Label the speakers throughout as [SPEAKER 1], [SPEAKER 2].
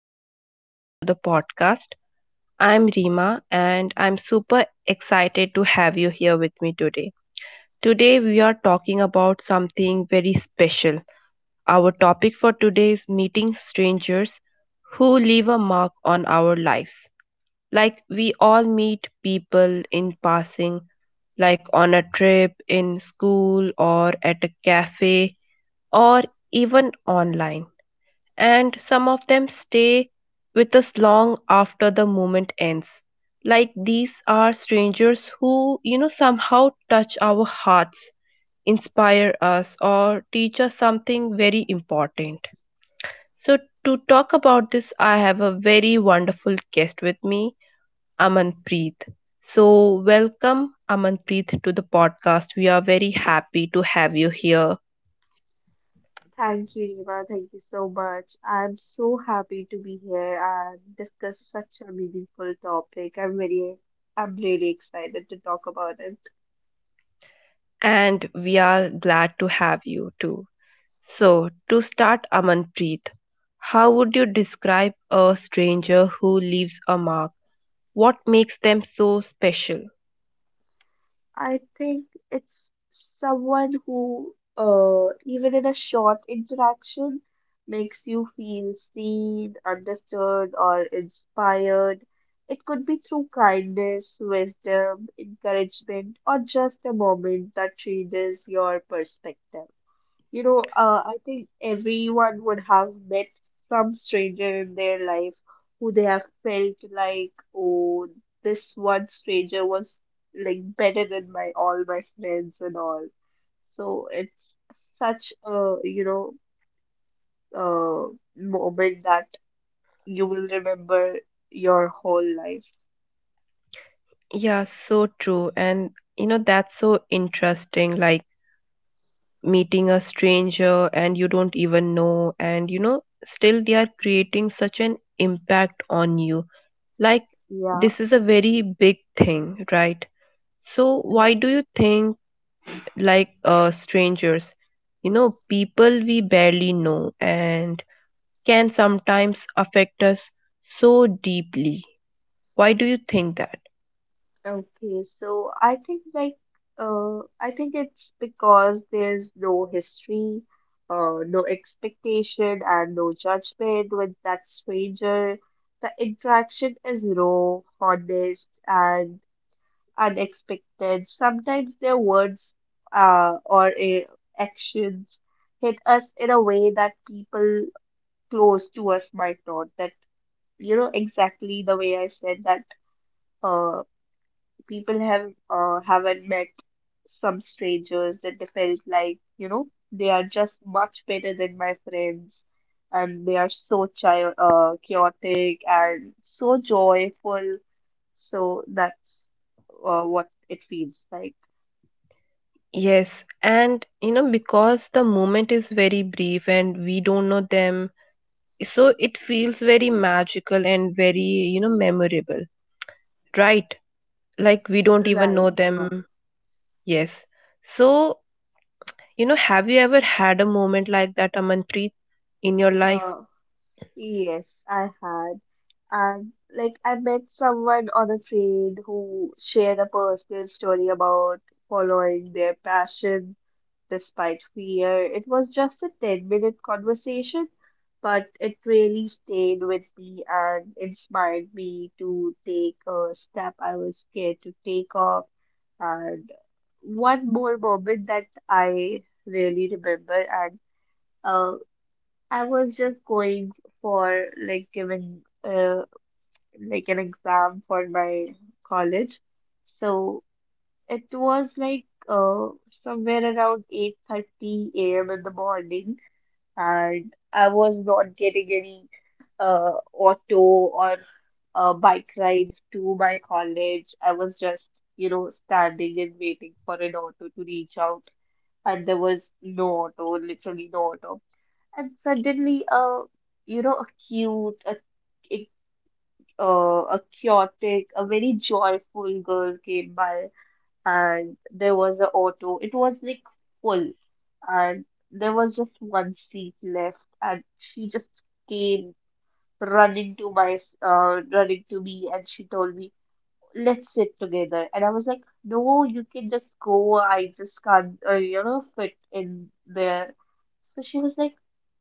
[SPEAKER 1] and welcome to the podcast. I'm Rima, and I'm super excited to have you here with me today. Today, we are talking about something very special. Our topic for today is meeting strangers who leave a mark on our lives. Like, we all meet people in passing, like on a trip, in school, or at a cafe, or even online, and some of them stay with us long after the moment ends. Like, these are strangers who, somehow touch our hearts, inspire us, or teach us something very important. So, to talk about this, I have a very wonderful guest with me, Amanpreet. So, welcome, Amanpreet, to the podcast. We are very happy to have you here,
[SPEAKER 2] Thank you, Riva. Thank you so much. I'm so happy to be here and discuss such a meaningful topic. I'm really excited to talk about it.
[SPEAKER 1] and we are glad to have you too. So, to start, Amanpreet, how would you describe a stranger who leaves a mark? What makes them so special?
[SPEAKER 2] I think it's someone who, even in a short interaction, makes you feel seen, understood, or inspired. It could be through kindness, wisdom, encouragement, or just a moment that changes your perspective. I think everyone would have met some stranger in their life who they have felt like, oh, this one stranger was like better than my all my friends and all. So it's such a, uh, moment that you will remember your whole life.
[SPEAKER 1] Yeah, so true. And that's so interesting. Like, meeting a stranger and you don't even know, still they are creating such an impact on you. Like,
[SPEAKER 2] Yeah.
[SPEAKER 1] this is a very big thing, right? So, why do you think strangers. People we barely know and can sometimes affect us so deeply. Why do you think that?
[SPEAKER 2] Okay, so I think like I think it's because there's no history, no expectation and no judgment with that stranger. The interaction is raw, honest and unexpected. Sometimes their words or a actions hit us in a way that people close to us might not. That you know exactly the way I said that uh people have haven't met some strangers that they felt like, you know, they are just much better than my friends, and they are so chaotic and so joyful. So that's what it feels like,
[SPEAKER 1] Yes, and because the moment is very brief and we don't know them, so it feels very magical and very, memorable, right? Like, we don't even
[SPEAKER 2] right,
[SPEAKER 1] know
[SPEAKER 2] Hima.
[SPEAKER 1] them. Yes. So, have you ever had a moment like that, Amanpreet, in your life?
[SPEAKER 2] uh, yes, I had. And like, I met someone on a train who shared a personal story about following their passion despite fear. It was just a 10-minute conversation, but it really stayed with me and inspired me to take a step I was scared to take off. And one more moment that I really remember, and uh, I was just going for like giving like an exam for my college. So it was like somewhere around 8:30 a.m. in the morning, and I was not getting any auto or bike ride to my college. I was just, you know, standing and waiting for an auto to reach out, and there was no auto, literally no auto. And suddenly, you know, a, a chaotic, a very joyful girl came by and there was the auto. It was like full, and there was just one seat left, and she just came running to my running to me, and she told me, let's sit together. And I was like, no, you can just go. I just can't, you know, fit in there. So she was like,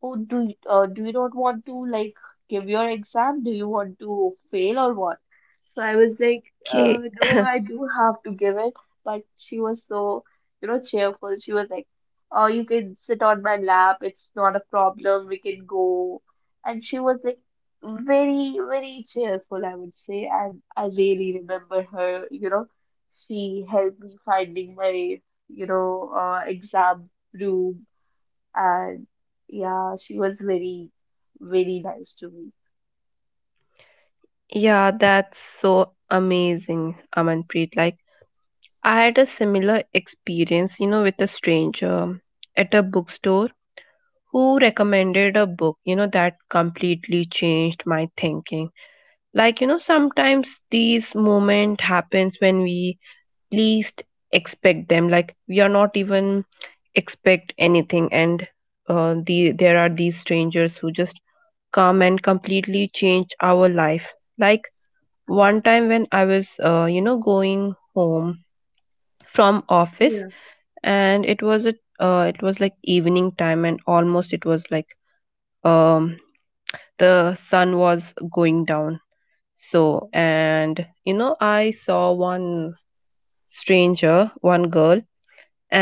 [SPEAKER 2] oh, do you not want to like give your exam? Do you want to fail or what? So I was like,
[SPEAKER 1] Okay.
[SPEAKER 2] no, I do have to give it. But she was so, you know, cheerful. She was like, oh, you can sit on my lap. It's not a problem. We can go. And she was like, very, very cheerful, I would say. And I really remember her. You know, she helped me finding my, exam room. And yeah, she was very, very nice to me.
[SPEAKER 1] Yeah, that's so amazing, Amanpreet. Like, I had a similar experience, with a stranger at a bookstore who recommended a book, that completely changed my thinking. Like, sometimes these moments happens when we least expect them. Like, we are not even expect anything, and there are these strangers who just come and completely change our life. Like, one time when I was going home from office,
[SPEAKER 2] Yeah.
[SPEAKER 1] and it was a it was like evening time, and almost it was like um the sun was going down. So, and I saw one stranger, one girl,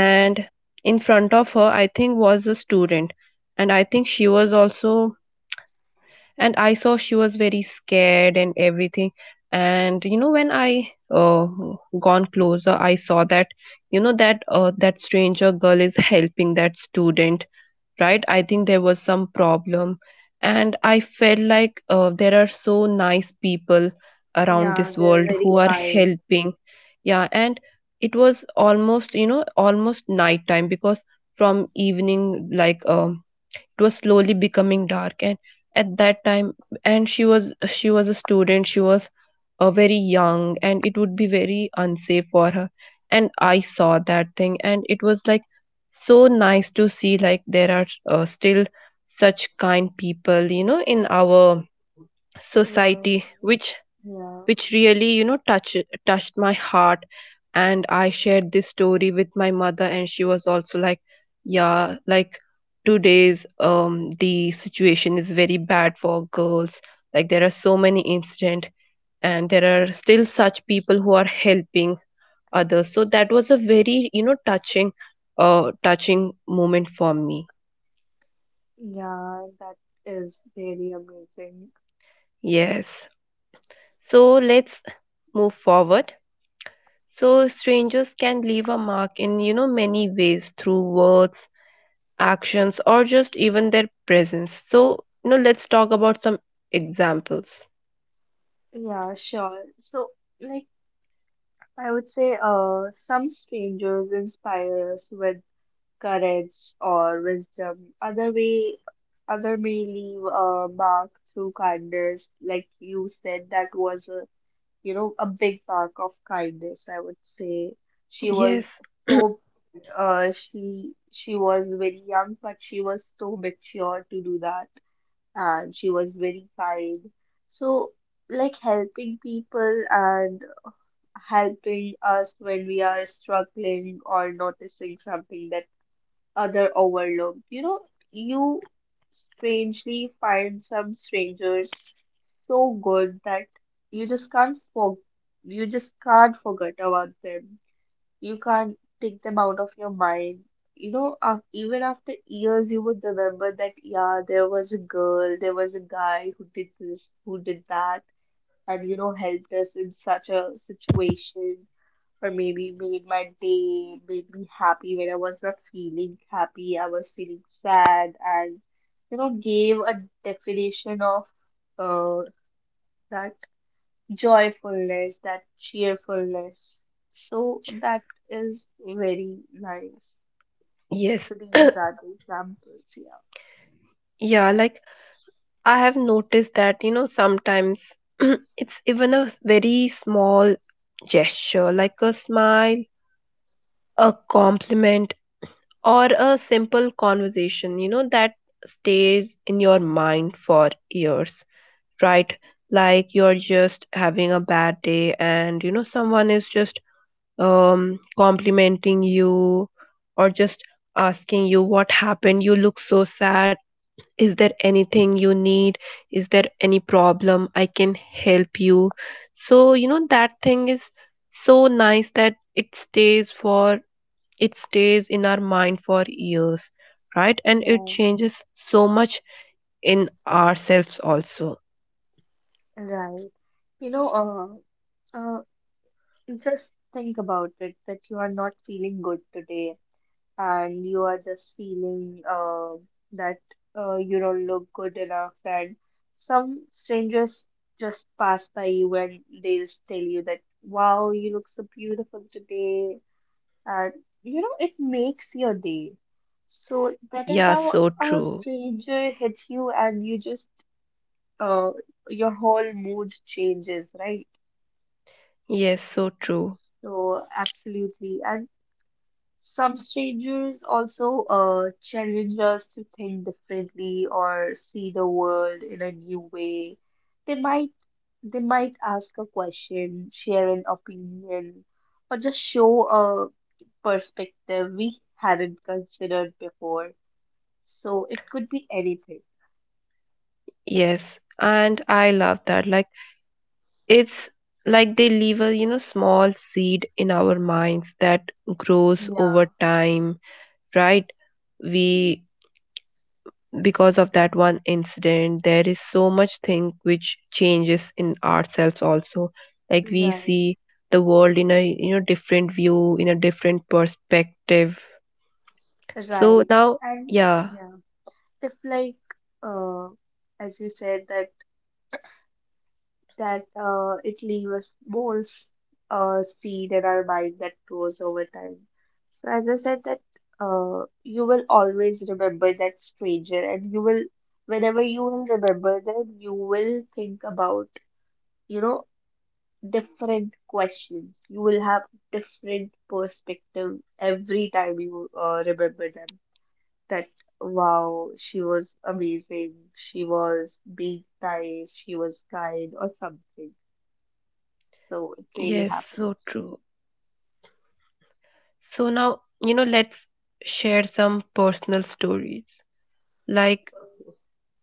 [SPEAKER 2] Yeah.
[SPEAKER 1] in front of her, I think, was a student, and I think she was also. And I saw she was very scared and everything. And when I uh, gone closer, I saw that that that stranger girl is helping that student. Right, I think there was some problem, and I felt like there are so nice people around
[SPEAKER 2] Yeah,
[SPEAKER 1] this
[SPEAKER 2] they're
[SPEAKER 1] world
[SPEAKER 2] very
[SPEAKER 1] who are
[SPEAKER 2] kind.
[SPEAKER 1] helping. Yeah, and it was almost, you know, almost night time, because from evening, like it was slowly becoming dark, and at that time. And she was a student. She was very young, and it would be very unsafe for her. And I saw that thing, and it was like so nice to see, like there are still such kind people, you know, in our
[SPEAKER 2] Wow.
[SPEAKER 1] society, which
[SPEAKER 2] Yeah.
[SPEAKER 1] really, you know, touched my heart. And I shared this story with my mother, and she was also like, yeah, like today's the situation is very bad for girls. Like, there are so many incident, and there are still such people who are helping others. So, that was a very, you know, touching touching moment for me.
[SPEAKER 2] Yeah, that is really amazing.
[SPEAKER 1] Yes, so let's move forward. So, strangers can leave a mark in, you know, many ways, through words, actions, or just even their presence. So, let's talk about some examples.
[SPEAKER 2] Yeah, sure. So, like, I would say, some strangers inspire us with courage or wisdom. Other way, other may leave a mark through kindness, like you said, that was a, you know, a big mark of kindness. I would say she was
[SPEAKER 1] Yes.
[SPEAKER 2] so she was very young, but she was so mature to do that, and she was very kind. So like helping people and helping us when we are struggling or noticing something that other overlooked. You know, you strangely find some strangers so good that you just can't for you just can't forget about them. You can't take them out of your mind. You know, even after years, you would remember that, yeah, there was a girl, there was a guy who did this, who did that, and you know, helped us in such a situation, or maybe made my day, made me happy when I was not feeling happy, I was feeling sad, and you know, gave a definition of uh, that joyfulness, that cheerfulness. So that is very nice.
[SPEAKER 1] Yes.
[SPEAKER 2] So these are the examples, yeah.
[SPEAKER 1] Yeah, like, I have noticed that, sometimes it's even a very small gesture, like a smile, a compliment, or a simple conversation, that stays in your mind for years. Right? Like, you're just having a bad day, and someone is just complimenting you, or just asking you, what happened, you look so sad? Is there anything you need? Is there any problem I can help you? So, that thing is so nice that it stays for it stays in our mind for years, right? And it
[SPEAKER 2] Right,
[SPEAKER 1] changes so much in ourselves also.
[SPEAKER 2] right. You know, uh, uh, just think about it that you are not feeling good today and you are just feeling that you don't look good enough, and some strangers just pass by you and they just tell you that, wow, you look so beautiful today, and you know, it makes your day. So that is
[SPEAKER 1] Yeah,
[SPEAKER 2] how
[SPEAKER 1] so
[SPEAKER 2] a
[SPEAKER 1] true.
[SPEAKER 2] stranger hits you, and you just uh, your whole mood changes, right?
[SPEAKER 1] Yes, so true.
[SPEAKER 2] So absolutely, and some strangers also challenge us to think differently or see the world in a new way. They might, they might ask a question, share an opinion, or just show a perspective we hadn't considered before. So it could be anything.
[SPEAKER 1] Yes. And I love that. Like, it's like they leave a, small seed in our minds that grows
[SPEAKER 2] Yeah,
[SPEAKER 1] over time, right? We, because of that one incident, there is so much thing which changes in ourselves also. Like, we
[SPEAKER 2] right.
[SPEAKER 1] see the world in a, different view, in a different perspective. So
[SPEAKER 2] Right.
[SPEAKER 1] now,
[SPEAKER 2] And
[SPEAKER 1] yeah,
[SPEAKER 2] yeah, if like uh as you said that it leaves balls seed in our mind that grows over time. So as I said that you will always remember that stranger, and you will, whenever you will remember them, you will think about, you know, different questions. You will have different perspective every time you remember them. That, wow, she was amazing, she was being nice, she was kind or something. So it really
[SPEAKER 1] yes, so
[SPEAKER 2] happens.
[SPEAKER 1] true. So now, let's share some personal stories. Like,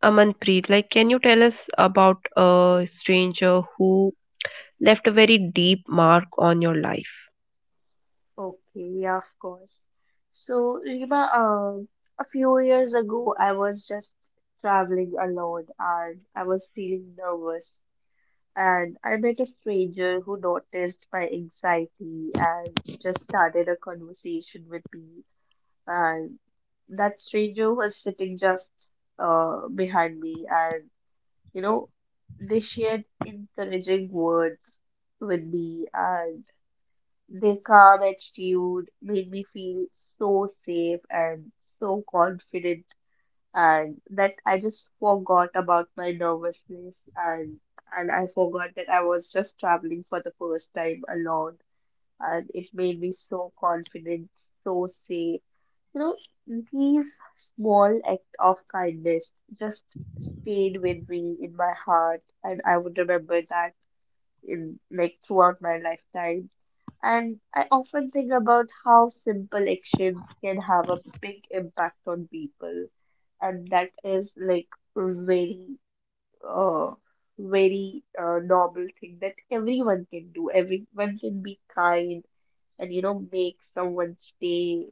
[SPEAKER 1] Amanpreet, like, can you tell us about a stranger who left a very deep mark on your life?
[SPEAKER 2] Okay, yeah, of course. So, Rima, a few years ago, I was just traveling alone and I was feeling nervous. And I met a stranger who noticed my anxiety and just started a conversation with me. And that stranger was sitting just behind me, and you know, they shared encouraging words with me. And their calm attitude made me feel so safe and so confident, and that I just forgot about my nervousness, and I forgot that I was just traveling for the first time alone, and it made me so confident, so safe. You know, these small act of kindness just stayed with me in my heart, and I would remember that in like throughout my lifetime. And I often think about how simple actions can have a big impact on people, and that is like very uh very normal thing that everyone can do. Everyone can be kind and you know make someone's day.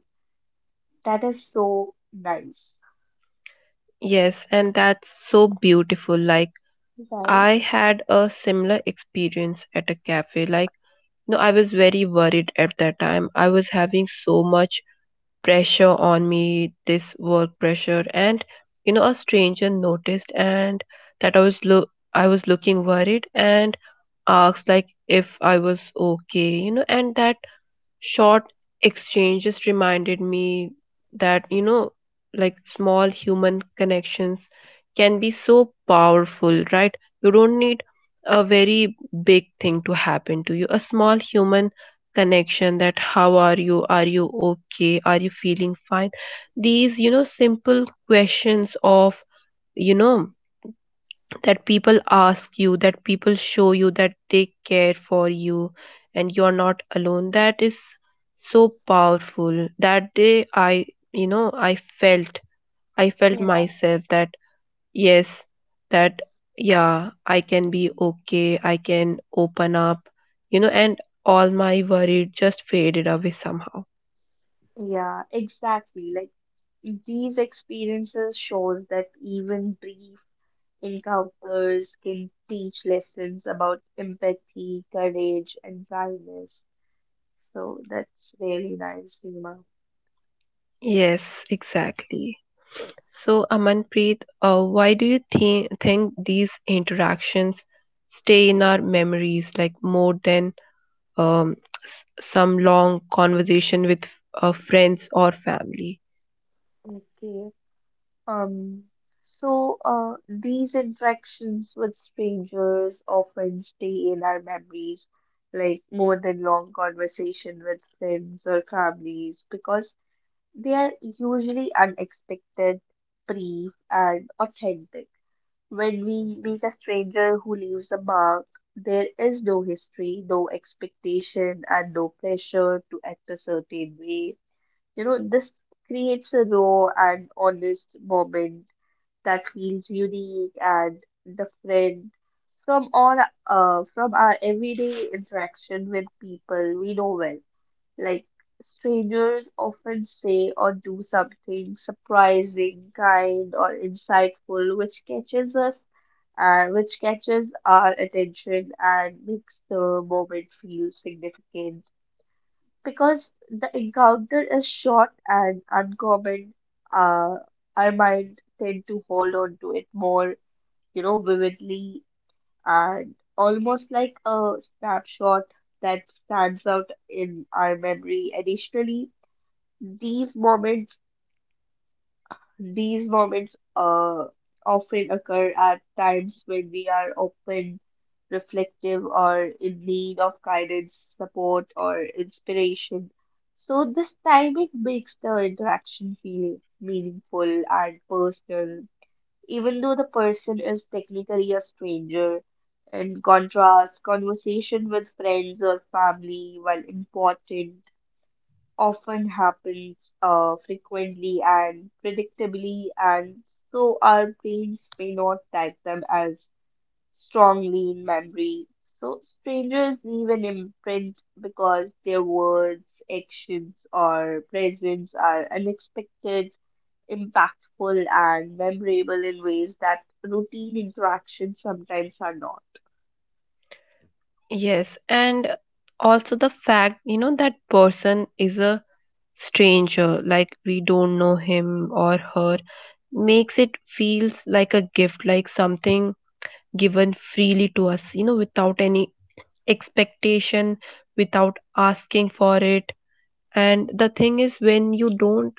[SPEAKER 2] That is so nice,
[SPEAKER 1] Yes, and that's so beautiful. Like,
[SPEAKER 2] right?
[SPEAKER 1] I had a similar experience at a cafe. Like, no, I was very worried at that time. I was having so much pressure on me, this work pressure, and a stranger noticed and that I was looking worried, and asked like, if I was okay, and that short exchange just reminded me that like, small human connections can be so powerful. Right? You don't need a very big thing to happen to you. A small human connection, that, how are you, are you okay, are you feeling fine, these simple questions of, you know, that people ask you, that people show you that they care for you, and you're not alone. That is so powerful. That day, I felt,
[SPEAKER 2] Yeah,
[SPEAKER 1] myself that, yes, that, yeah, I can be okay. I can open up, and all my worry just faded away somehow.
[SPEAKER 2] yeah, exactly. Like these experiences shows that even brief encounters can teach lessons about empathy, courage, and kindness. So that's really nice, Seema.
[SPEAKER 1] Yes, exactly. So, Amanpreet, why do you think these interactions stay in our memories, like, more than um, some long conversation with friends or family?
[SPEAKER 2] Okay. Um, so these interactions with strangers often stay in our memories, like more than long conversation with friends or families, because they are usually unexpected, brief, and authentic. When we meet a stranger who leaves a mark, there is no history, no expectation, and no pressure to act a certain way. You know, this creates a raw and honest moment that feels unique and different from all, from our everyday interaction with people we know well. Like strangers often say or do something surprising, kind, or insightful, which catches us, and which catches our attention and makes the moment feel significant. Because the encounter is short and uncommon, uh, our mind tend to hold on to it more, you know, vividly, and almost like a snapshot that stands out in our memory. Additionally, these moments, these moments often occur at times when we are open, reflective, or in need of guidance, support, or inspiration. So this timing makes the interaction feel meaningful and personal, even though the person is technically a stranger. In contrast, conversation with friends or family, while important, often happens frequently and predictably, and so our brains may not tag them as strongly in memory. So strangers leave an imprint because their words, actions, or presence are unexpected, impactful, and memorable in ways that routine interactions sometimes are not.
[SPEAKER 1] Yes, and also the fact that person is a stranger, like we don't know him or her, makes it feels like a gift, like something given freely to us, without any expectation, without asking for it. And the thing is, when you don't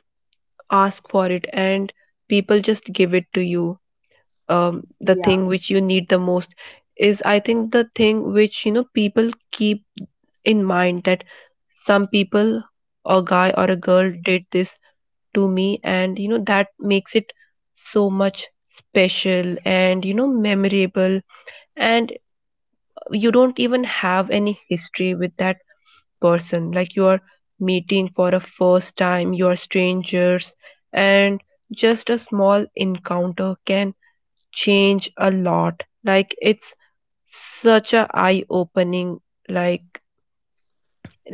[SPEAKER 1] ask for it, and people just give it to you the
[SPEAKER 2] Yeah,
[SPEAKER 1] thing which you need the most is, I think, the thing which people keep in mind, that some people, a guy or a girl, did this to me. And that makes it so much special and memorable. And you don't even have any history with that person, like you are meeting for a first time, you are strangers, and just a small encounter can change a lot. Like, it's such a eye opening, like,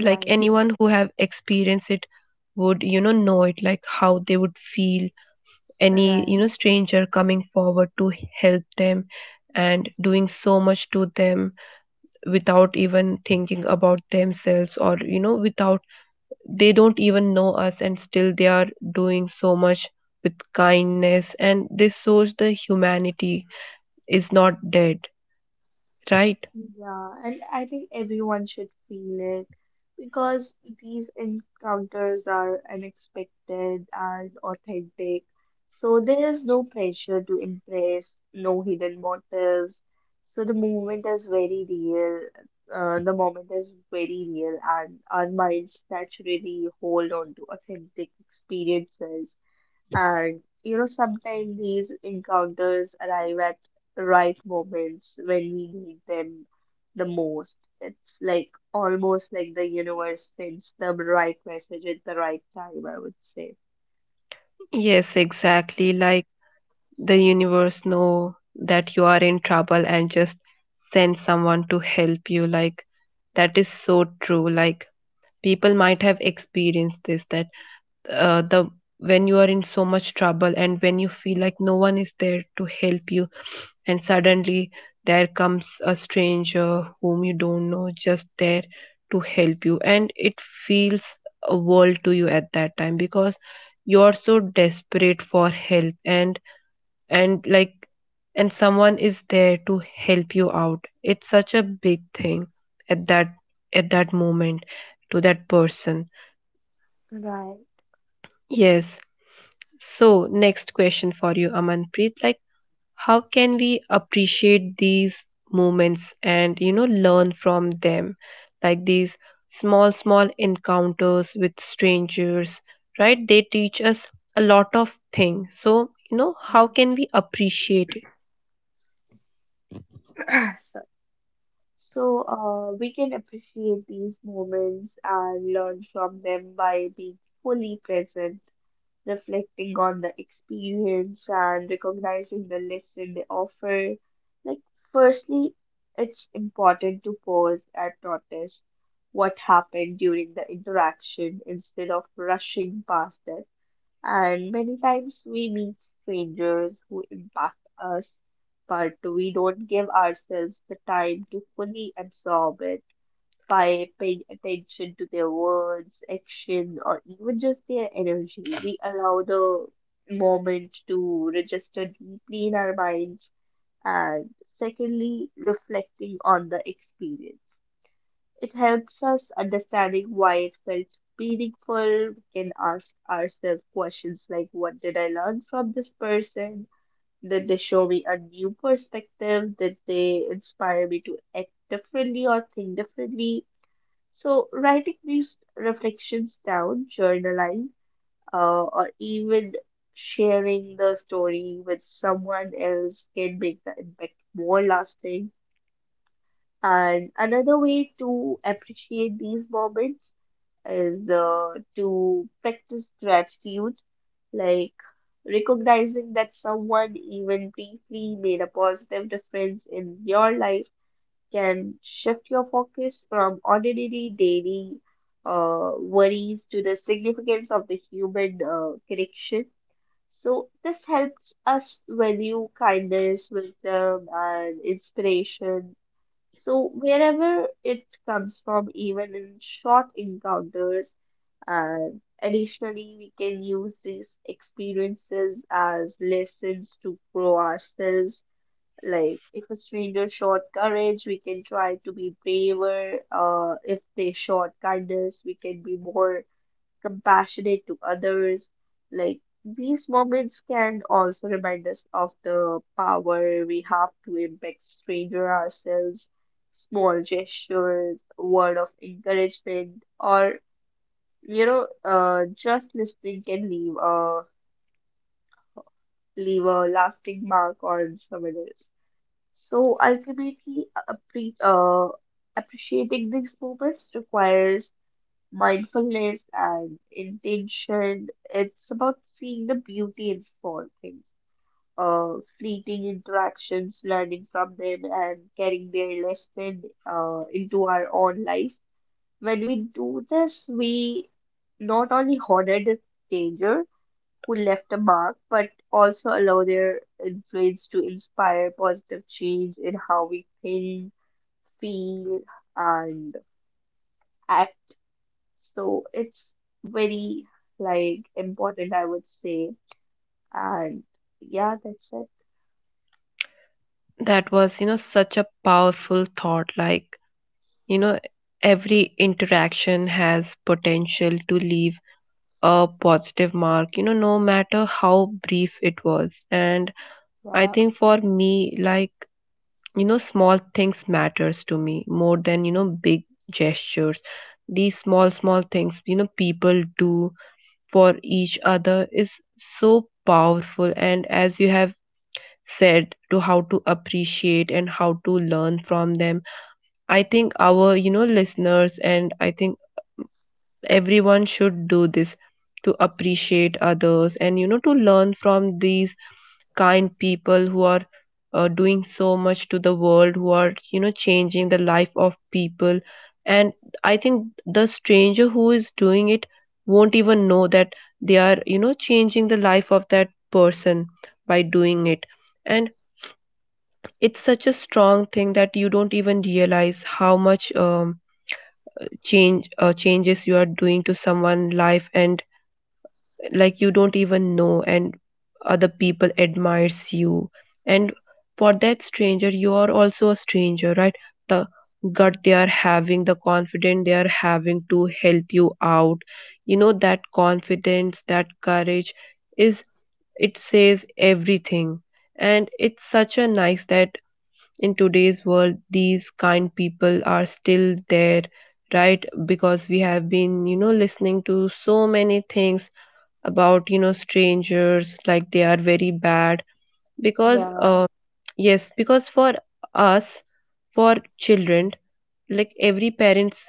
[SPEAKER 1] anyone who have experienced it would know it, like how they would feel. Any
[SPEAKER 2] right.
[SPEAKER 1] stranger coming forward to help them, and doing so much to them without even thinking about themselves, or without, they don't even know us, and still they are doing so much with kindness. And this shows the humanity is not dead, right?
[SPEAKER 2] Yeah, and I think everyone should feel it because these encounters are unexpected and authentic. So there is no pressure to impress, no hidden motives. So the moment is very real. The moment is very real, and our minds naturally hold on to authentic experiences. And you know, sometimes these encounters arrive at the right moments when we need them the most. It's like almost like the universe sends the right message at the right time, I would say.
[SPEAKER 1] Yes, exactly. Like, the universe know that you are in trouble, and just send someone to help you. Like, that is so true. Like, people might have experienced this, that the when you are in so much trouble, and when you feel like no one is there to help you, and suddenly there comes a stranger whom you don't know, just there to help you. And it feels a world to you at that time, because you're so desperate for help. And like, and someone is there to help you out, it's such a big thing at that moment, to that person.
[SPEAKER 2] Right.
[SPEAKER 1] Yes. So, next question for you, Amanpreet. Like, how can we appreciate these moments, and, learn from them? Like, these small, small encounters with strangers, right? They teach us a lot of things. So, how
[SPEAKER 2] Mm.
[SPEAKER 1] can we appreciate it?
[SPEAKER 2] So, so we can appreciate these moments and learn from them by being fully present, reflecting on the experience and recognizing the lesson they offer. Like, firstly, it's important to pause and notice what happened during the interaction instead of rushing past it. And many times we meet strangers who impact us, but we don't give ourselves the time to fully absorb it by paying attention to their words, action, or even just their energy. We allow the moment to register deeply in our minds, and secondly, reflecting on the experience. It helps us understanding why it felt meaningful. We can ask ourselves questions like, what did I learn from this person? Did they show me a new perspective? Did they inspire me to act differently or think differently? So, writing these reflections down, journaling, or even sharing the story with someone else can make the impact more lasting. And another way to appreciate these moments is to practice gratitude, like recognizing that someone even briefly made a positive difference in your life can shift your focus from ordinary daily worries to the significance of the human connection. So, this helps us value kindness, wisdom, and inspiration. So, wherever it comes from, even in short encounters, and additionally, we can use these experiences as lessons to grow ourselves, like, if a stranger showed courage, we can try to be braver. If they showed kindness, we can be more compassionate to others. Like, these moments can also remind us of the power we have to impact stranger ourselves. Small gestures, word of encouragement, or just listening can leave a leave a lasting mark on someone else. So ultimately, appreciating these moments requires mindfulness and intention. It's about seeing the beauty in small things, fleeting interactions, learning from them, and carrying their lesson into our own life. When we do this, we not only honor the stranger who left a mark, but also allow their influence to inspire positive change in how we think, feel, and act. So it's very like important, I would say. And yeah, that's it.
[SPEAKER 1] That was, such a powerful thought. Like, you know, every interaction has potential to leave a positive mark, you know, no matter how brief it was. And I
[SPEAKER 2] Yeah,
[SPEAKER 1] think, for me, like, you know, small things matters to me more than, you know, big gestures. These small things, you know, people do for each other is so powerful. And as you have said to, how to appreciate and how to learn from them, I think our listeners, and I think everyone, should do this to appreciate others, and to learn from these kind people who are doing so much to the world, who are changing the life of people. And I think the stranger who is doing it won't even know that they are changing the life of that person by doing it. And it's such a strong thing that you don't even realize how much changes you are doing to someone's life. And, like, you don't even know, and other people admires you. And for that stranger, you are also a stranger, right? The gut they are having, the confidence they are having to help you out, you know, that confidence, that courage, is, it says everything. And it's such a nice that in today's world, these kind people are still there, right? Because we have been listening to so many things about strangers, like they are very bad, because
[SPEAKER 2] yeah,
[SPEAKER 1] yes, because for us, for children, like every parents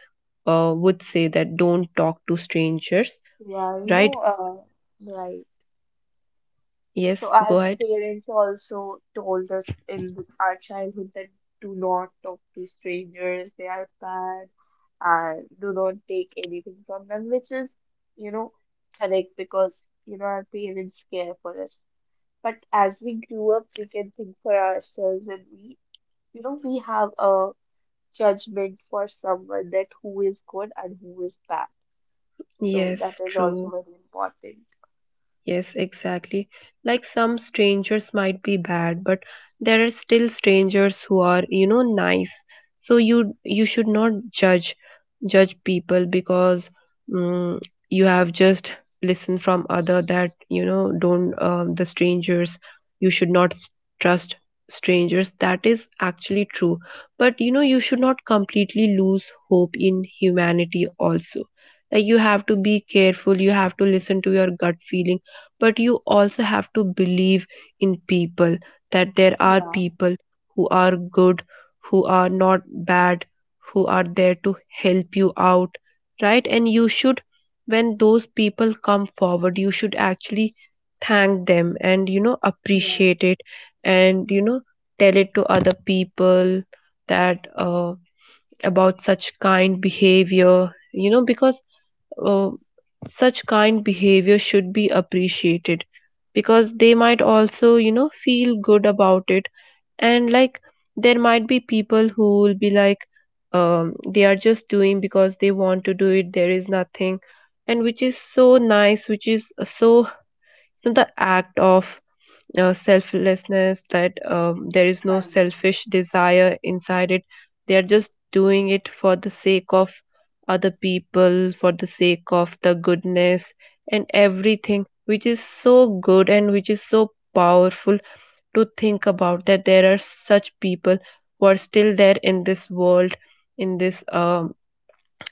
[SPEAKER 1] would say that, don't talk to strangers,
[SPEAKER 2] yeah.
[SPEAKER 1] right?
[SPEAKER 2] Right.
[SPEAKER 1] Yes,
[SPEAKER 2] So
[SPEAKER 1] go
[SPEAKER 2] our
[SPEAKER 1] ahead.
[SPEAKER 2] parents also told us in our childhood that do not talk to strangers, they are bad, and do not take anything from them, which is, you know, correct because, you know, our parents care for us. But as we grew up, we can think for ourselves, and we, you know, we have a judgment for someone that who is good and who is bad. So that
[SPEAKER 1] Yes,
[SPEAKER 2] is also
[SPEAKER 1] true.
[SPEAKER 2] very important.
[SPEAKER 1] Yes, exactly. Like, some strangers might be bad, but there are still strangers who are, nice. So, you should not judge people, because mm you have just listened from other that don't the strangers, you should not trust strangers. That is actually true, but you should not completely lose hope in humanity also. Like, you have to be careful. You have to listen to your gut feeling, but you also have to believe in people, that there are
[SPEAKER 2] Yeah,
[SPEAKER 1] people who are good, who are not bad, who are there to help you out, right? And you should, when those people come forward, you should actually thank them and
[SPEAKER 2] yeah,
[SPEAKER 1] appreciate it, and tell it to other people that about such kind behavior, you know, because uh, such kind behavior should be appreciated, because they might also, feel good about it. And, like, there might be people who will be like, they are just doing because they want to do it, there is nothing. And which is so nice, which is so, the act of selflessness, that there is no
[SPEAKER 2] kind.
[SPEAKER 1] selfish desire inside it. They are just doing it for the sake of other people, for the sake of the goodness and everything, which is so good and which is so powerful to think about, that there are such people who are still there in this world, in this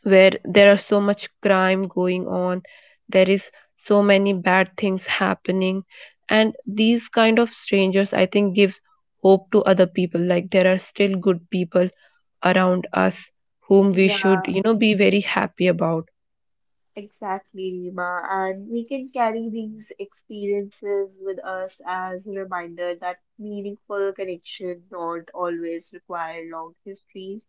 [SPEAKER 1] where there are so much crime going on, there is so many bad things happening. And these kind of strangers, I think, gives hope to other people, like there are still good people around us, whom we should
[SPEAKER 2] Yeah,
[SPEAKER 1] be very happy about.
[SPEAKER 2] exactly, Rima. And we can carry these experiences with us as a reminder that meaningful connection don't always require long histories.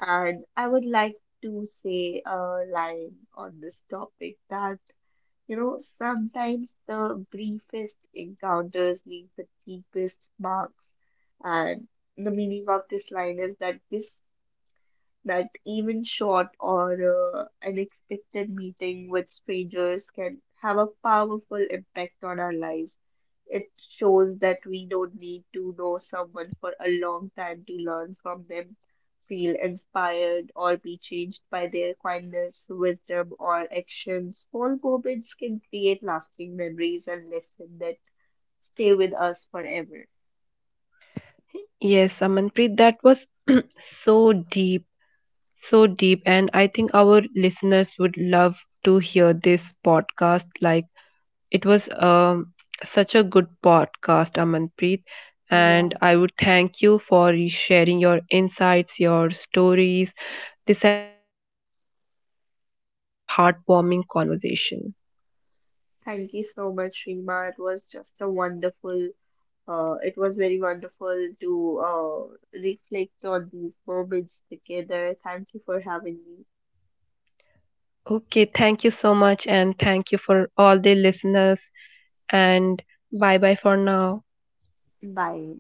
[SPEAKER 2] And I would like to say a line on this topic that, you know, sometimes the briefest encounters leave the deepest marks. And the meaning of this line is that this that even short or unexpected meeting with strangers can have a powerful impact on our lives. It shows that we don't need to know someone for a long time to learn from them, feel inspired, or be changed by their kindness, wisdom, or actions. Small moments can create lasting memories and lessons that stay with us forever.
[SPEAKER 1] Yes, Amanpreet, that was so deep, so deep. And I think our listeners would love to hear this podcast. Like, it was such a good podcast, Amanpreet. And
[SPEAKER 2] Wow.
[SPEAKER 1] I would thank you for sharing your insights, your stories. This has been, very heartwarming conversation.
[SPEAKER 2] Thank you so much, Rima. It was very wonderful to reflect on these moments together. Thank you for having me.
[SPEAKER 1] Okay, thank you so much, and thank you for all the listeners. And bye bye for now.
[SPEAKER 2] Bye.